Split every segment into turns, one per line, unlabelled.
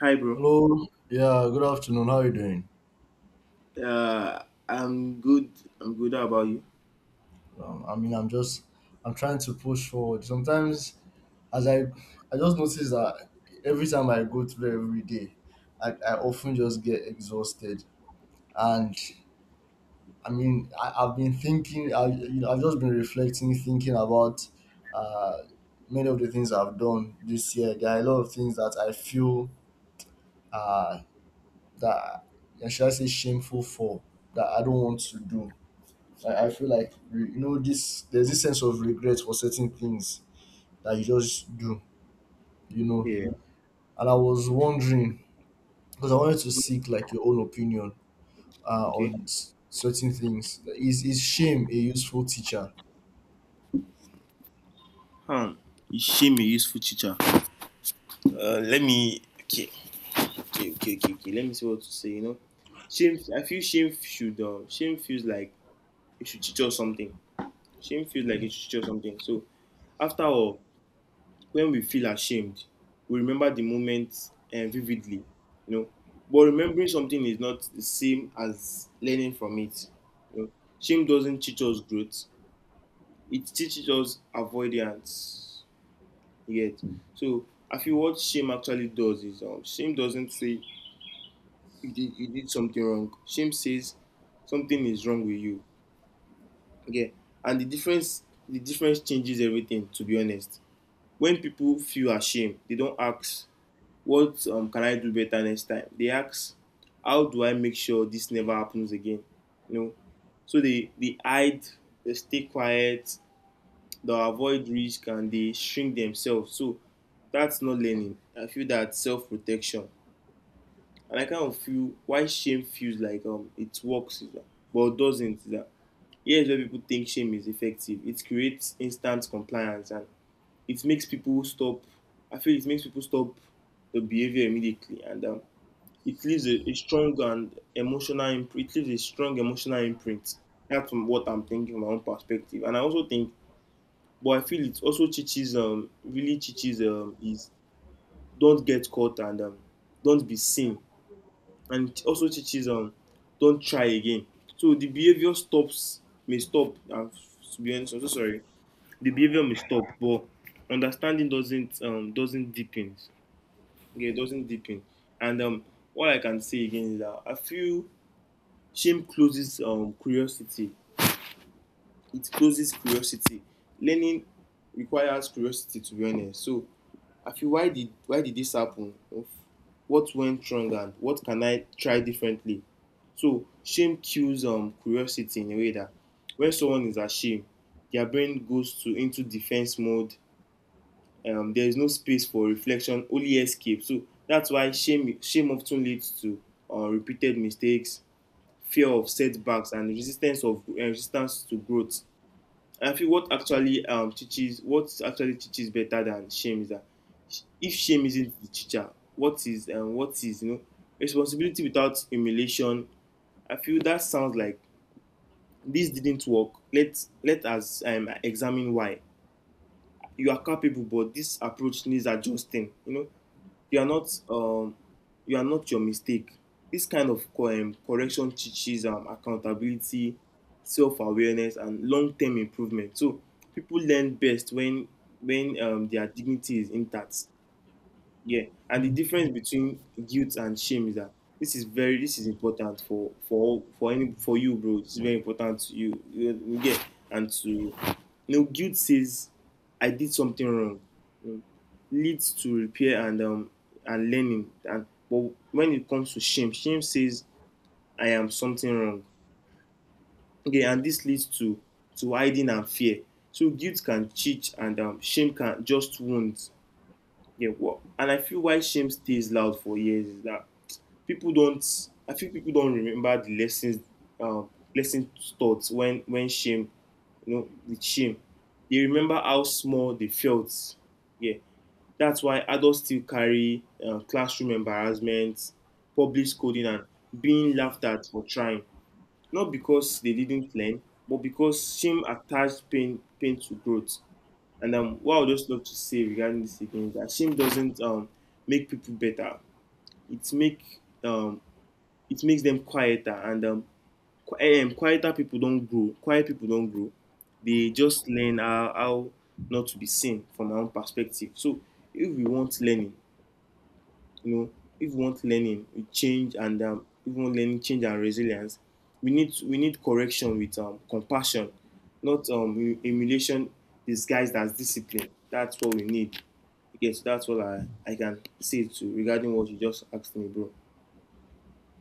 Hi, bro.
Hello. Yeah, good afternoon. How are you doing?
Uh, I'm good. I'm good. How about you?
I mean, I'm trying to push forward. Sometimes, as I just notice that every time I go through every day, I often just get exhausted. And I mean, I've been thinking, I, you know, I've just been reflecting, thinking about uh, many of the things I've done this year. There are a lot of things that I feel uh, that, yeah, should I say, shameful for that I don't want to do. I feel like you know this there's this sense of regret for certain things that you just do, you know.
Yeah.
And I was wondering because I wanted to seek like your own opinion
Okay.
on certain things. Like, is shame a useful teacher?
Um, Shame a useful teacher. Let me. Okay. Okay. Let me see what to say. You know, shame. I feel shame should. Shame feels like it should teach us something. Shame feels like it should teach us something. So, after all, when we feel ashamed, we remember the moment vividly. You know, but remembering something is not the same as learning from it. You know, shame doesn't teach us growth. It teaches us avoidance. Yet, so I feel what shame actually does is shame doesn't say you did something wrong. Shame says something is wrong with you. Okay, and the difference changes everything. To be honest, when people feel ashamed, they don't ask what can I do better next time. They ask how do I make sure this never happens again. You know, so they hide, they stay quiet, they avoid risk and they shrink themselves. So that's not learning. I feel that self protection, and I kind of feel why shame feels like it works, is that, but it doesn't. Is that here's where people think shame is effective. It creates instant compliance and it makes people stop. I feel it makes people stop the behavior immediately, and it leaves a strong and emotional imprint. It leaves a strong emotional imprint. That's from what I'm thinking from my own perspective, and I also think but I feel it also teaches really teaches is don't get caught and don't be seen. And it also teaches don't try again. So the behavior stops may stop and to be honest, I'm so sorry. The behavior may stop, but understanding doesn't doesn't deepen. Okay. It doesn't deepen. And what I can say again is that I feel shame closes curiosity. It closes curiosity. Learning requires curiosity to be honest. So I feel why did this happen of what went wrong and what can I try differently. So shame kills curiosity in a way that when someone is ashamed their brain goes to into defense mode. There is no space for reflection only escape. So that's why shame often leads to repeated mistakes, fear of setbacks and resistance to growth. I feel what actually teaches better than shame is that if shame isn't the teacher, what is. And what is you know responsibility without humiliation? I feel that sounds like this didn't work. Let us examine why. You are capable, but this approach needs adjusting. You know, you are not um, you are not your mistake. This kind of correction teaches accountability, self-awareness, and long-term improvement. So people learn best when their dignity is intact. Yeah, and the
Mm.
difference between guilt and shame is that this is very this is important for all- for any for you, bro. This is very important to you. You get and to you know, guilt says I did something wrong. You know, leads to repair and and learning. And but when it comes to shame, shame says I am something wrong. Okay, and this leads to hiding and fear. So guilt can cheat and shame can just wound. Yeah, what? And I feel why shame stays loud for years is that people don't. I think people don't remember the lessons, lesson taught when with shame, they remember how small they felt. Yeah, that's why adults still carry classroom embarrassment, public scolding, and being laughed at for trying. Not because they didn't learn, but because shame attached pain to growth. And what I would just love to say regarding this again is that shame doesn't make people better. It make um, it makes them quieter, and quieter people don't grow. Quiet people don't grow. They just learn how not to be seen from our own perspective. So if we want learning, you know, if we want learning, we change and if we want learning, change and resilience, we need correction with compassion, not emulation disguised as discipline. That's what we need. Okay, so that's all I can say to regarding what you just asked me, bro.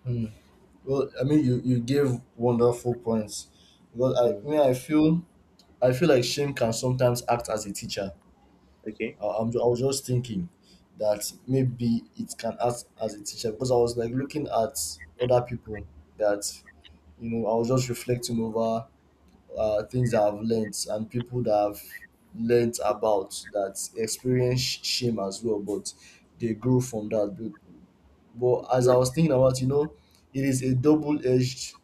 Hmm. Well, I mean, you gave wonderful points because
Mm,
I mean I feel like shame can sometimes act as a teacher.
okay.
I was just thinking that maybe it can act as a teacher because I was like looking at other people that you know I was just reflecting over things that I've learnt and people that I've learnt about that experience shame as well, but they grew from that. But as
Sure.
I was thinking about, you know, it is a double edged.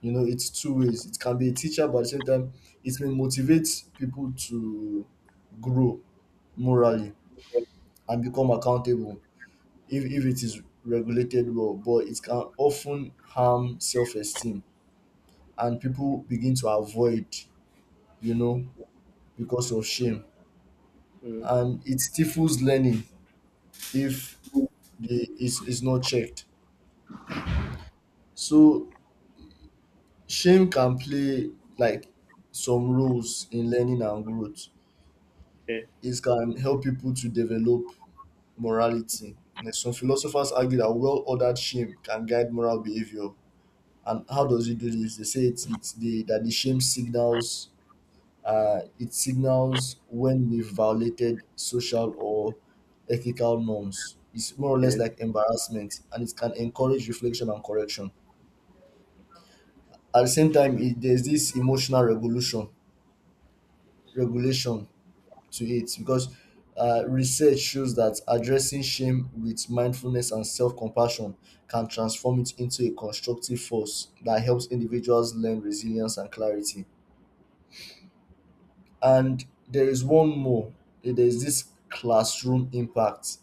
You know, it's two ways. It can be a teacher, but at the same time, it may motivate people to grow morally and become accountable if it is regulated well, but it can often harm self esteem and people begin to avoid, you know, because of shame.
Mm,
And it stifles learning if the is not checked. So shame can play like some roles in learning and growth.
okay.
It can help people to develop morality. Like, some philosophers argue that well ordered shame can guide moral behavior and how does it do this? They say it's the that the shame signals it signals when we've violated social or ethical norms. It's more or less
Okay.
like embarrassment and it can encourage reflection and correction. At the same time, it, there's this emotional regulation to it because research shows that addressing shame with mindfulness and self-compassion can transform it into a constructive force that helps individuals learn resilience and clarity. And there is one more, there's this classroom impact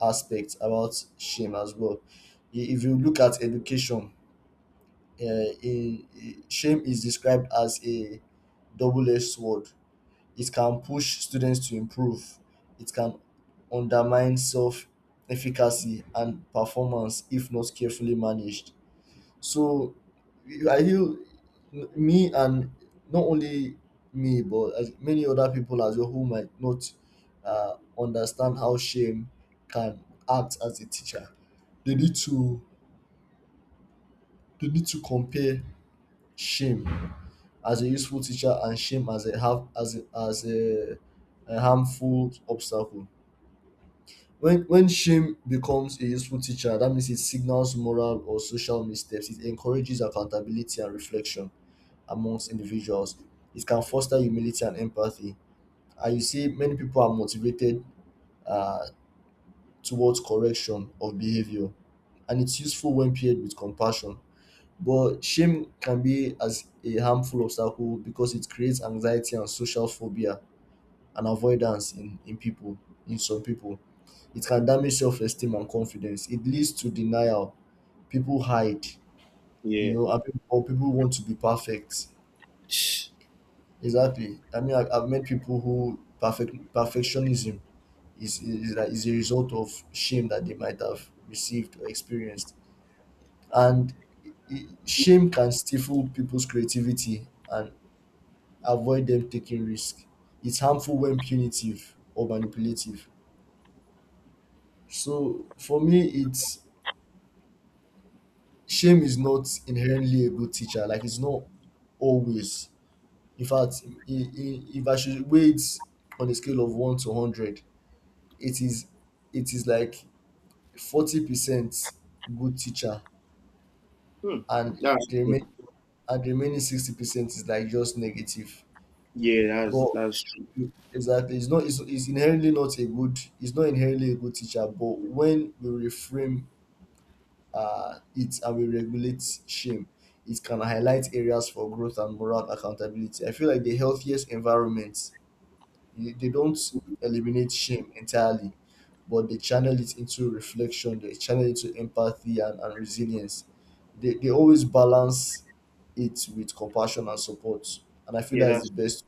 aspect about shame as well. If you look at education, uh, shame is described as a double edged sword. It can push students to improve, it can undermine self efficacy and performance if not carefully managed. So I feel me and not only me, but as many other people as well who might not understand how shame can act as a teacher. They need to compare shame as a useful teacher and shame as a have as a harmful obstacle. When shame becomes a useful teacher that means it signals moral or social missteps, it encourages accountability and reflection amongst individuals. It can foster humility and empathy, and you see many people are motivated uh, towards correction of behavior, and it's useful when paired with compassion. But shame can be as a harmful obstacle because it creates anxiety and social phobia and avoidance in people, in some people. It can damage self-esteem and confidence, it leads to denial, people hide, you
Yeah.
know, and people want to be perfect.
Shh.
Exactly, I mean I've met people who perfectionism is a result of shame that they might have received or experienced. And shame can stifle people's creativity and avoid them taking risk. It's harmful when punitive or manipulative. So for me, it's shame is not inherently a good teacher. Like it's not always. In fact, if I should weight on a scale of one to hundred, it is it is like 40% good teacher,
Hmm.
and
That's
the remain
true.
the remaining 60% is like just negative. But
That's true.
exactly, it's inherently not a good. It's not inherently a good teacher. But when we reframe it and we regulate shame, it can highlight areas for growth and moral accountability. I feel like the healthiest environments, they don't eliminate shame entirely, but they channel it into reflection, they channel it into empathy and resilience. They always balance it with compassion and support. And I feel
Yeah,
that is
that's
the best.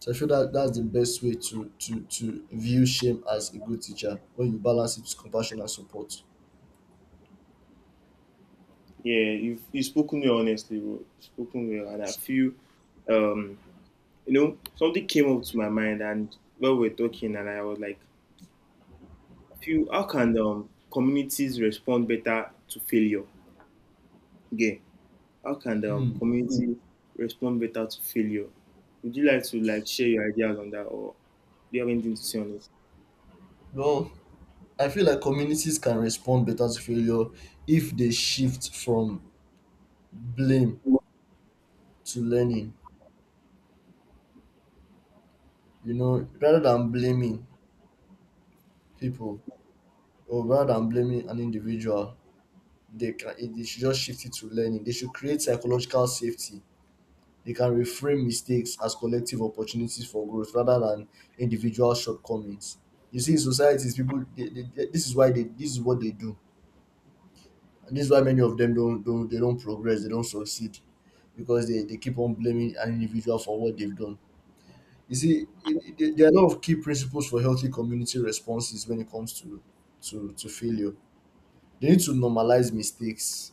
So I feel that that's the best way to, to view shame as a good teacher when you balance it with compassion and support.
yeah. You spoken well honestly, bro. You spoken well, and I feel um you know, something came up to my mind, and when we were talking, and I was like, "Few, how can communities respond better to failure?" Yeah, how can the
Hmm.
community Mm. respond better to failure? Would you like to like share your ideas on that, or do you have anything to say on it?
Well, I feel like communities can respond better to failure if they shift from blame to learning. You know, rather than blaming people or rather than blaming an individual, they should just shift it to learning. They should create psychological safety. They can reframe mistakes as collective opportunities for growth rather than individual shortcomings. You see in societies people they- this is why they this is what they do. This is why many of them don't progress, they don't succeed because they keep on blaming an individual for what they've done. You see, there there are a lot of key principles for healthy community responses when it comes to to failure. They need to normalize mistakes.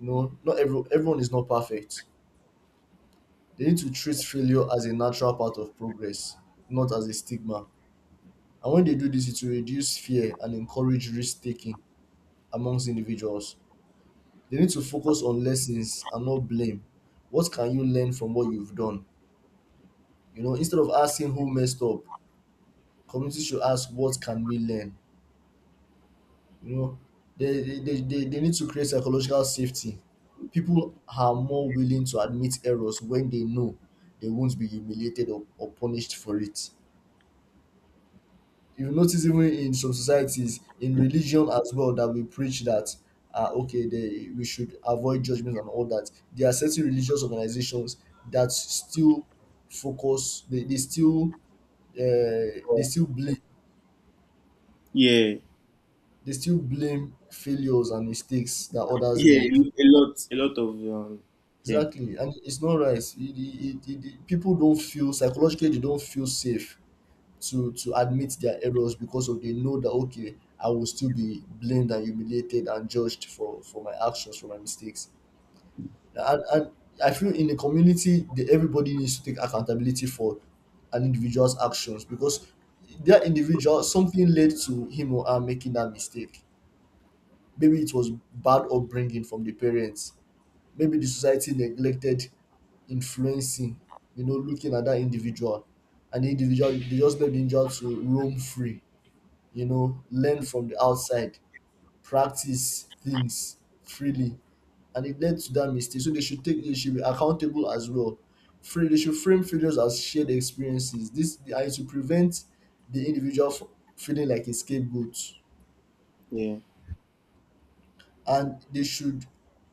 You know, not every, everyone is not perfect. They need to treat failure as a natural part of progress, not as a stigma. And when they do this, it will reduce fear and encourage risk taking amongst individuals. They need to focus on lessons and not blame. What can you learn from what you've done? You know, instead of asking who messed up, community should ask what can we learn? You know, they need to create psychological safety. People are more willing to admit errors when they know they won't be humiliated or punished for it. You notice even in some societies in religion as well that we preach that okay we should avoid judgment and all that. There are certain religious organizations that still focus they still blame,
Yeah,
they still blame failures and mistakes that others
yeah,
make.
a lot of um, them.
Exactly, and it's not right. It- people don't feel psychologically, they don't feel safe to admit their errors because of they know that okay I will still be blamed and humiliated and judged for my actions for my mistakes. And I feel in a community everybody needs to take accountability for an individual's actions because that individual something led to him or her making that mistake. Maybe it was bad upbringing from the parents, maybe the society neglected influencing, you know, looking at that individual, and they just let the individual to roam free, you know, learn from the outside, practice things freely. And it led to that mistake. So they should be accountable as well. Free, they should frame failures as shared experiences. This and it should prevent the individual from feeling like a scapegoat.
Yeah,
And they should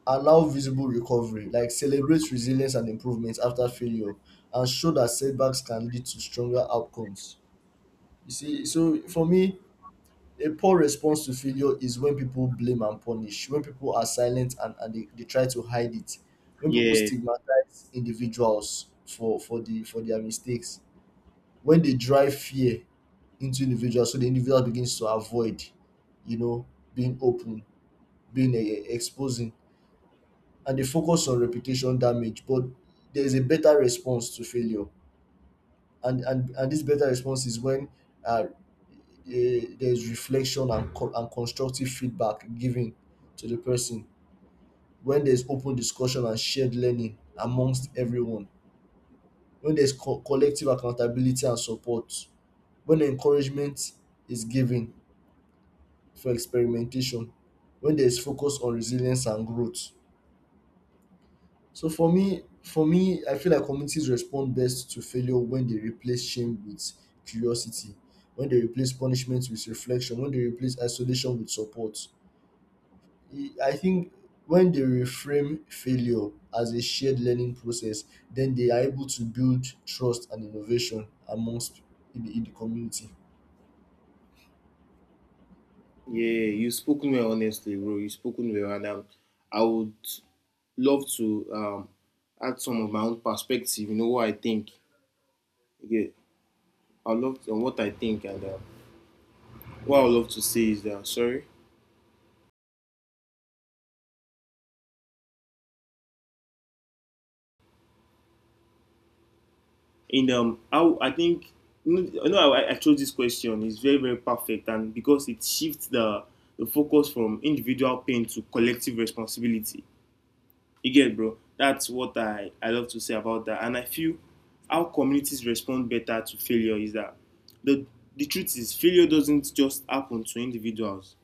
allow visible recovery, like celebrate resilience and improvements after failure, and show that setbacks can lead to stronger outcomes. You see, so for me, a poor response to failure is when people blame and punish, when people are silent and they try to hide it, when people
yeah.
stigmatize individuals for their mistakes, when they drive fear into individuals so the individual begins to avoid, you know, being open, being exposing, and they focus on reputation damage. But there is a better response to failure. And this better response is when uh, there's reflection and constructive feedback given to the person, when there's open discussion and shared learning amongst everyone, when there's collective accountability and support, when encouragement is given for experimentation, when there's focus on resilience and growth. So for me, I feel like communities respond best to failure when they replace shame with curiosity, when they replace punishment with reflection, when they replace isolation with support. I think when they reframe failure as a shared learning process, then they are able to build trust and innovation amongst in the community.
Yeah, you've spoken well, honestly, bro. You've spoken well, and I would love to add some of my own perspective. You know what I think. Yeah, I love to, what I think, and what I would love to say is that sorry. And how I think you know I chose this question is very very perfect, and because it shifts the focus from individual pain to collective responsibility. You get, bro? That's what I love to say about that. And I feel how communities respond better to failure is that the, the truth is, failure doesn't just happen to individuals.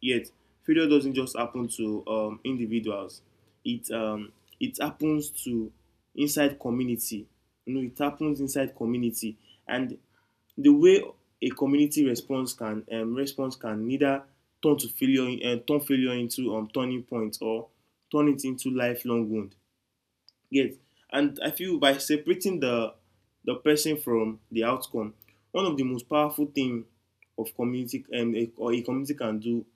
Yet, failure doesn't just happen to individuals. It um, it happens to inside community. You know, it happens inside community, and the way a community response can response can neither turn failure into turning point or turn it into lifelong wound. Yet, and I feel by separating the person from the outcome, one of the most powerful thing of community a, or a community can do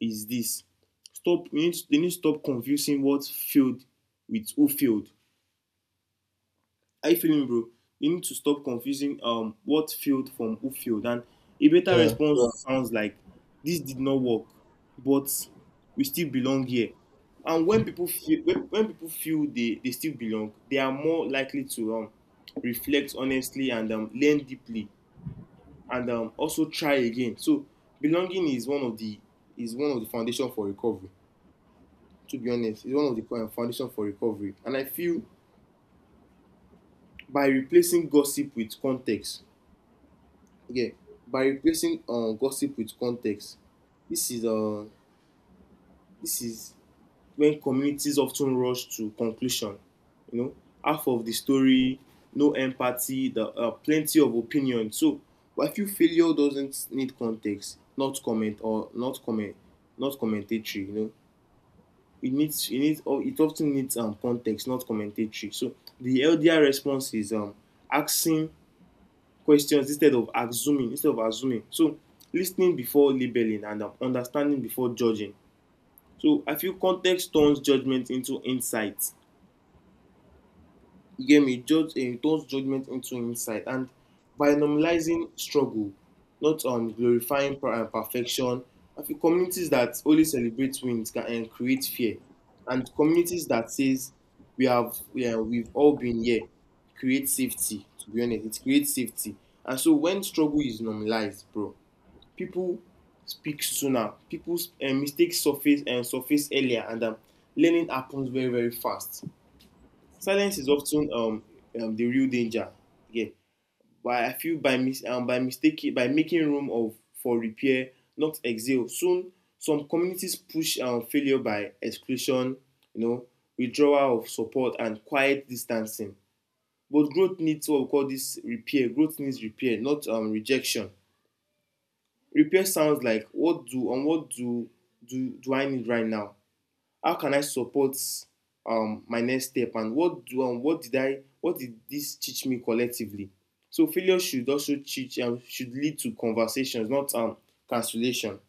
is this stop. You need to, they need to stop confusing what failed with who failed. Are you feeling, bro? You need to stop confusing what failed from who failed, and a better
Yeah,
response Yeah. sounds like this did not work but we still belong here. And when people feel when people feel they still belong they are more likely to reflect honestly and learn deeply and also try again. So belonging is one of the is one of the foundation for recovery. To be honest, is one of the foundation for recovery. And I feel by replacing gossip with context, okay, by replacing gossip with context, this is uh, this is when communities often rush to conclusion. You know, half of the story, no empathy, the plenty of opinion. So I feel failure doesn't need context, not comment or not comment, not commentatory. You know, it needs oh, it often needs context, not commentary. So the healthier response is asking questions instead of assuming. Instead of assuming, so listening before labeling and understanding before judging. So I feel context turns judgment into insight. You get me, judge turns judgment into insight. And by normalizing struggle, not perfection, I feel communities that only celebrate wins can create fear. And communities that says we have we we've all been here create safety. To be honest, it creates safety. And so when struggle is normalized, bro, people speak sooner. People's mistakes surface and surface earlier, and learning happens very very fast. Silence is of ten the real danger. Yeah. But I feel by, mis- by, mistake- by making room of, for repair not exhale soon some communities push failure by exclusion. You know, withdrawal of support and quiet distancing. But growth needs what we call this repair. Growth needs repair not rejection. Repair sounds like what do I need right now. How can I support my next step, and what do what did I what did this teach me collectively? So failure should also teach and should lead to conversations, not cancellation.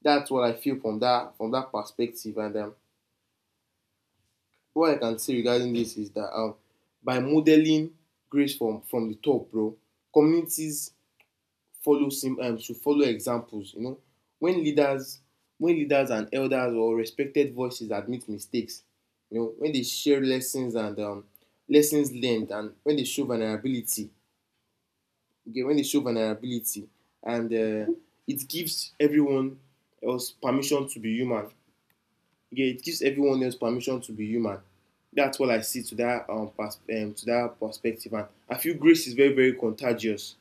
That's what I feel from that perspective. And What I can say regarding this is that by modeling grace from the top, bro, communities follow sim to follow examples, you know, when leaders, when leaders and elders or respected voices admit mistakes, you know, when they share lessons and lessons learned, and when they show vulnerability. Okay, when they show vulnerability and it gives everyone else permission to be human. Okay, it gives everyone else permission to be human. That's what I see to that perspective, and I feel grace is very very contagious.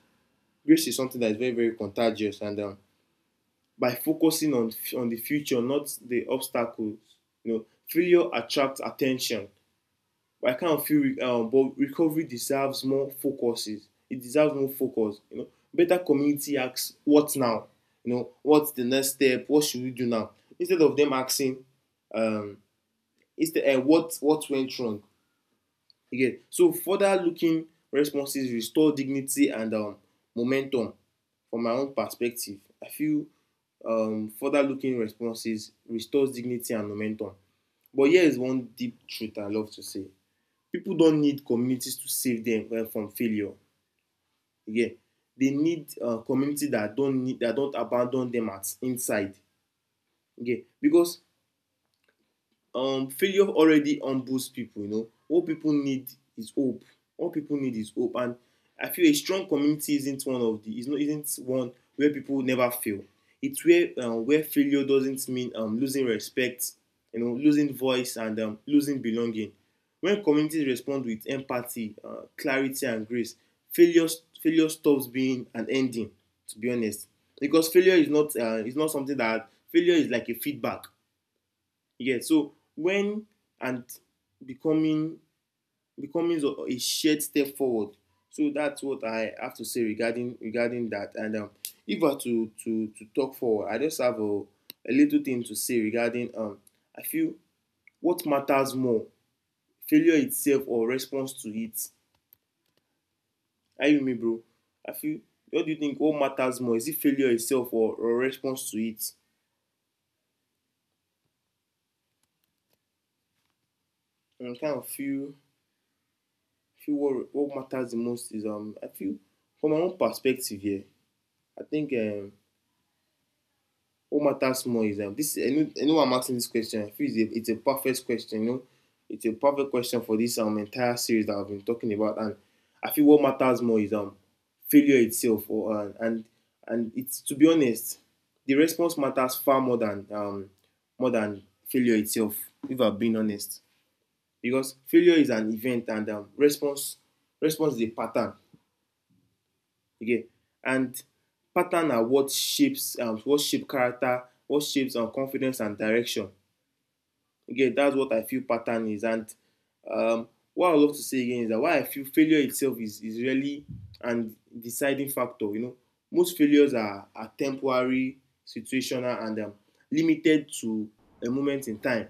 Grace is something that is very very contagious, and by focusing on the future, not the obstacles. You know, failure attracts attention. But I kind of feel, but recovery deserves more focuses. It deserves more focus. You know, better community asks, "What now?" You know, what's the next step? What should we do now? Instead of them asking, um, instead, what went wrong? Again, so further looking responses restore dignity and momentum. From my own perspective, I feel, further looking responses restores dignity and momentum. But here is one deep truth I love to say. People don't need communities to save them, from failure. Again, they need, community that don't need that don't abandon them at inside. Again, because failure already humbles people. You know, what people need is hope. What people need is hope, and I feel a strong community isn't one of the is not isn't one where people never fail. It's where failure doesn't mean losing respect, you know, losing voice, and losing belonging. When communities respond with empathy, clarity and grace, failure, failure stops being an ending, to be honest, because failure is not, is not something that, failure is like a feedback. Yeah, so when, and becoming, becoming a shared step forward. So that's what I have to say regarding that. And If I were to to talk forward, I just have a little thing to say regarding, I feel, what matters more, failure itself or response to it? Are you with me, bro? I feel. What do you think? What matters more? Is it failure itself, or response to it? And I kind of feel what matters the most is. I feel, from my own perspective here, I think, what matters more is this. I know I'm asking this question. I feel it's a perfect question. You know, it's a perfect question for this entire series that I've been talking about. And I feel what matters more is failure itself, or and it's, to be honest, the response matters far more than more than failure itself. If I've been honest, because failure is an event, and response, response is a pattern. Okay, and pattern are what shapes, what shape character, what shapes confidence and direction. Again, that's what I feel pattern is, and, um, what I would love to say again is that why I feel failure itself is really an deciding factor, you know. Most failures are temporary, situational, and limited to a moment in time.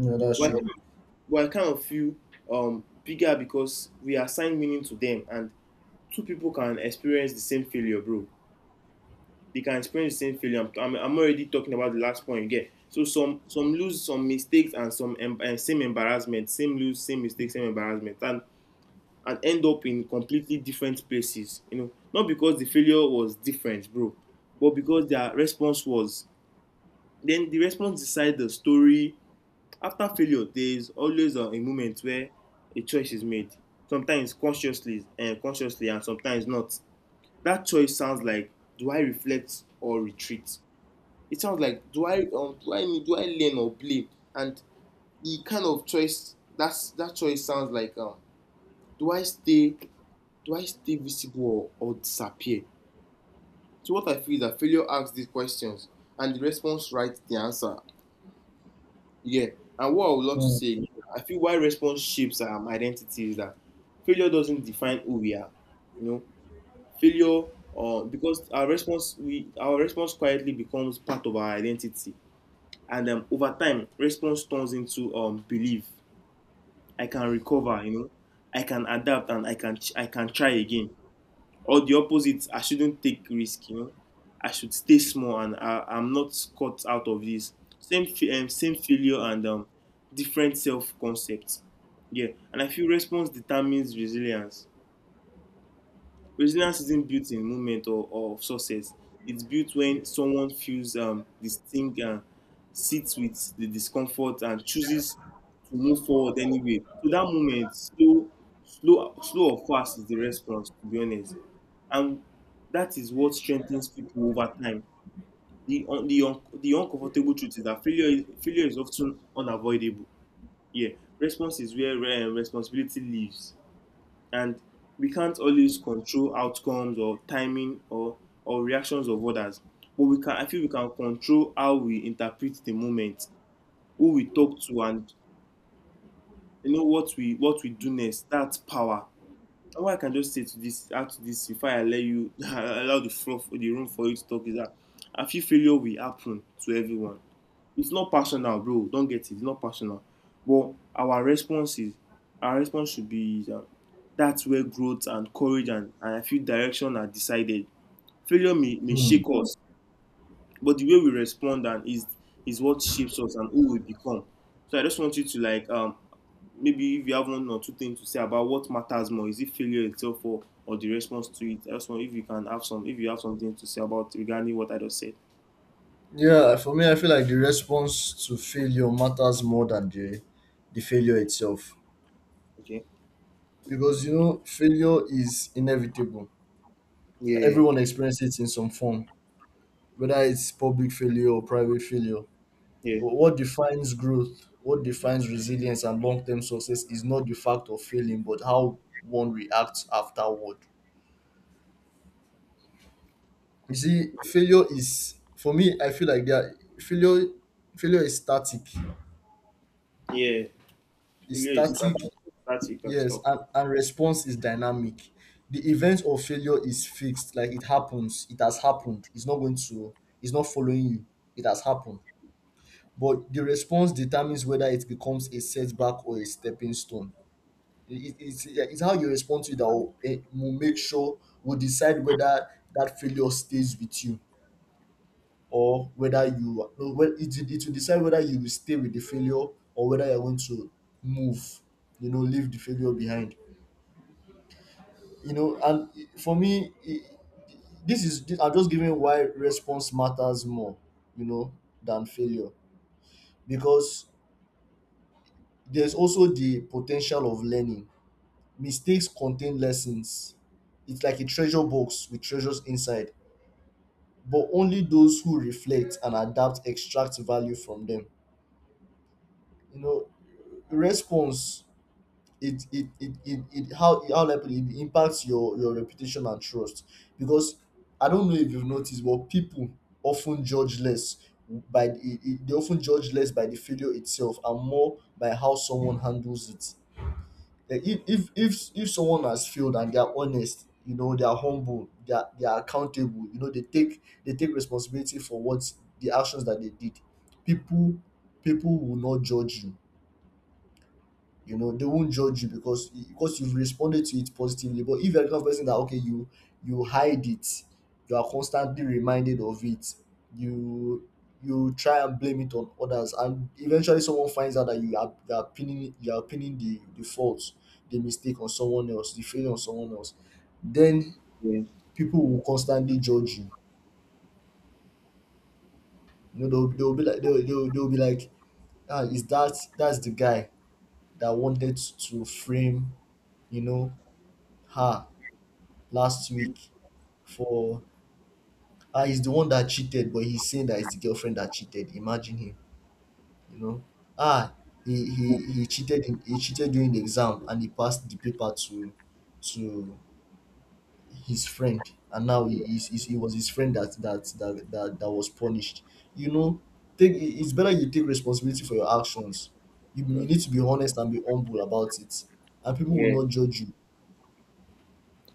yeah, that's
But
true.
but I kind of feel, bigger because we assign meaning to them, and two people can experience the same failure, bro. They can experience the same failure. I'm already talking about the last point again. So some lose some mistakes and some same embarrassment, same lose, same mistakes, same embarrassment, and end up in completely different places. You know, not because the failure was different, bro, but because their response was. Then the response decides the story. After failure, there is always a moment where a choice is made. Sometimes consciously and consciously, and sometimes not. That choice sounds like: do I reflect or retreat? It sounds like, do I, do I learn or blame? And the kind of choice that's, that choice sounds like, do I stay, do I stay visible, or disappear? So what I feel is that failure asks these questions, and the response writes the answer. Yeah. And what I would love to
Mm.
say, again, I feel why response shapes our identity is that failure doesn't define who we are. You know, failure, because our response, we, our response quietly becomes part of our identity. And over time, response turns into belief. I can recover, you know. I can adapt, and I can I can try again. Or the opposite, I shouldn't take risk, you know. I should stay small, and I, I'm not caught out of this. Same failure, and different self concept. Yeah, and I feel response determines resilience. Resilience isn't built in moment, or success. It's built when someone feels, the sting, and sits with the discomfort and chooses to move forward anyway. So that moment, slow, slow or fast, is the response, to be honest. And that is what strengthens people over time. The the uncomfortable truth is that failure is often unavoidable. Yeah. Response is where, responsibility lives, and we can't always control outcomes, or timing, or reactions of others. But we can, I feel we can control how we interpret the moment, who we talk to, and you know what we do next. That's power. And what I can just say to this, add to this, before I let you allow the floor for the room for you to talk, is that I feel failure will happen to everyone. It's not personal, bro. Don't get it. It's not personal. But our response is, our response should be that, that's where growth and courage, and I feel direction are decided. Failure may
Hmm.
shake us, but the way we respond, and is what shapes us and who we become. So I just want you to like, maybe if you have one or two things to say about, what matters more, is it failure itself, or the response to it? I just want if you can have some, if you have something to say about regarding what I just said.
Yeah, for me, I feel like the response to failure matters more than the failure itself,
Okay.
because you know failure is inevitable,
Yeah.
everyone experiences it in some form, whether it's public failure or private failure.
Yeah.
But what defines growth, what defines resilience and long-term success is not the fact of failing but how one reacts afterward. You see failure is, for me I feel like that failure is static,
Yeah.
it's
Failure is
static.
static, static and
Yes,
stuff.
and response is dynamic. The event of failure is fixed, like it happens, it has happened. It's not following you. It has happened. But the response determines whether it becomes a setback or a stepping stone. Yeah, it's how you respond to it that will will make will decide whether that failure stays with you, or whether you, no, well, it will decide whether you will stay with the failure, or whether you're going to move, leave the failure behind. And for me, this is, I'm just giving why response matters more you know than failure, because there's also the potential of learning. Mistakes contain lessons. It's like a treasure box with treasures inside, but only those who reflect and adapt extract value from them. you know Response, it how like put it, it impacts your reputation and trust, because I don't know if you've noticed, but people often judge less by the, it, they often judge less by the failure itself and more by how someone handles it. Like, if someone has failed and they're honest, you know, they're humble, they're accountable, you know, they take responsibility for what the actions that they did, people people will not judge you, you know, they won't judge you, because you've responded to it positively. But if you're the kind of person that, okay, you hide it, you are constantly reminded of it, you you try and blame it on others, and eventually someone finds out that you are pinning the fault, the mistake, on someone else, the failure on someone else. Then
Yeah.
people will constantly judge you, you know. They'll be like, ah, is that that's the guy that wanted to frame, you know, her last week, for... Ah, he's the one that cheated, but he's saying that it's the girlfriend that cheated. Imagine him, you know. Ah, he cheated during the exam and he passed the paper to to his friend, and now he, he's, he it was his friend that was punished, you know. It's better you take responsibility for your actions. You
Mm.
need to be honest and be humble about it, and people will
Yeah,
not judge you.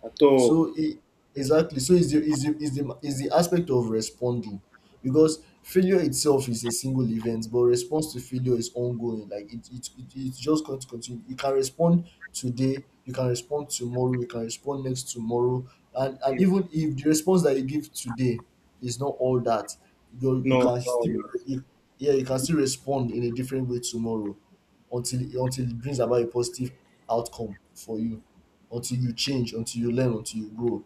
at all.
So it exactly so is the aspect of responding, because failure itself is a single event, but response to failure is ongoing. Like it's just going to continue. You can respond today, you can respond tomorrow, you can respond next tomorrow. And even if the response that you give today is not all that, you
No,
can
no,
still,
no.
you, yeah, you can still respond in a different way tomorrow, until it brings about a positive outcome for you, until you change, until you learn, until you grow.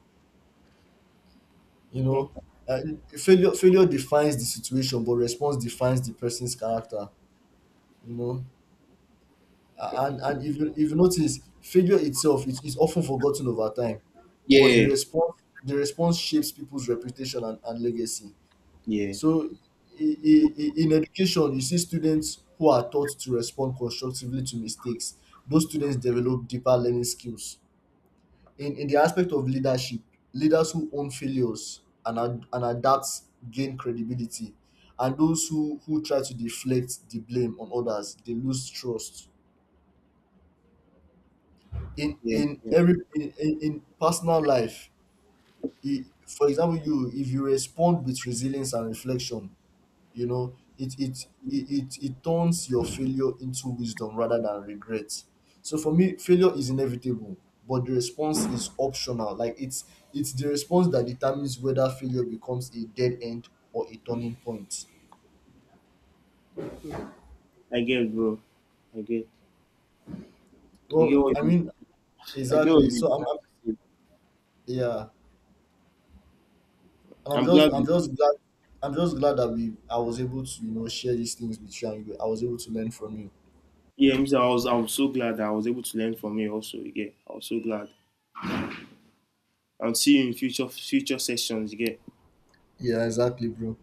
You know,
Mm.
uh, failure defines the situation, but response defines the person's character. You know, and if you notice, failure itself is often forgotten over time, but the
Yeah.
response, the response shapes people's reputation and legacy.
Yeah.
So, in education, you see students who are taught to respond constructively to mistakes. Those students develop deeper learning skills. In the aspect of leadership, leaders who own failures and adapt gain credibility, and those who try to deflect the blame on others, they lose trust. In
Yeah, yeah.
in personal life, for example, you if you respond with resilience and reflection, you know it turns your failure into wisdom rather than regret. So for me, failure is inevitable, but the response is optional. Like it's the response that determines whether failure becomes a dead end or a turning point.
I get, bro. I get. I get
Well,
what
I
you.
mean,
I get what you're trying
I'm,
to say.
yeah, and
I'm glad. You.
I'm just glad that we I was able to, you know, share these things with you, and you, I was able to learn from you.
Yeah, Mr. I was. I was so glad that I was able to learn from you. Also, again, I was so glad. I'll see you in future sessions. Again.
Yeah, exactly, bro.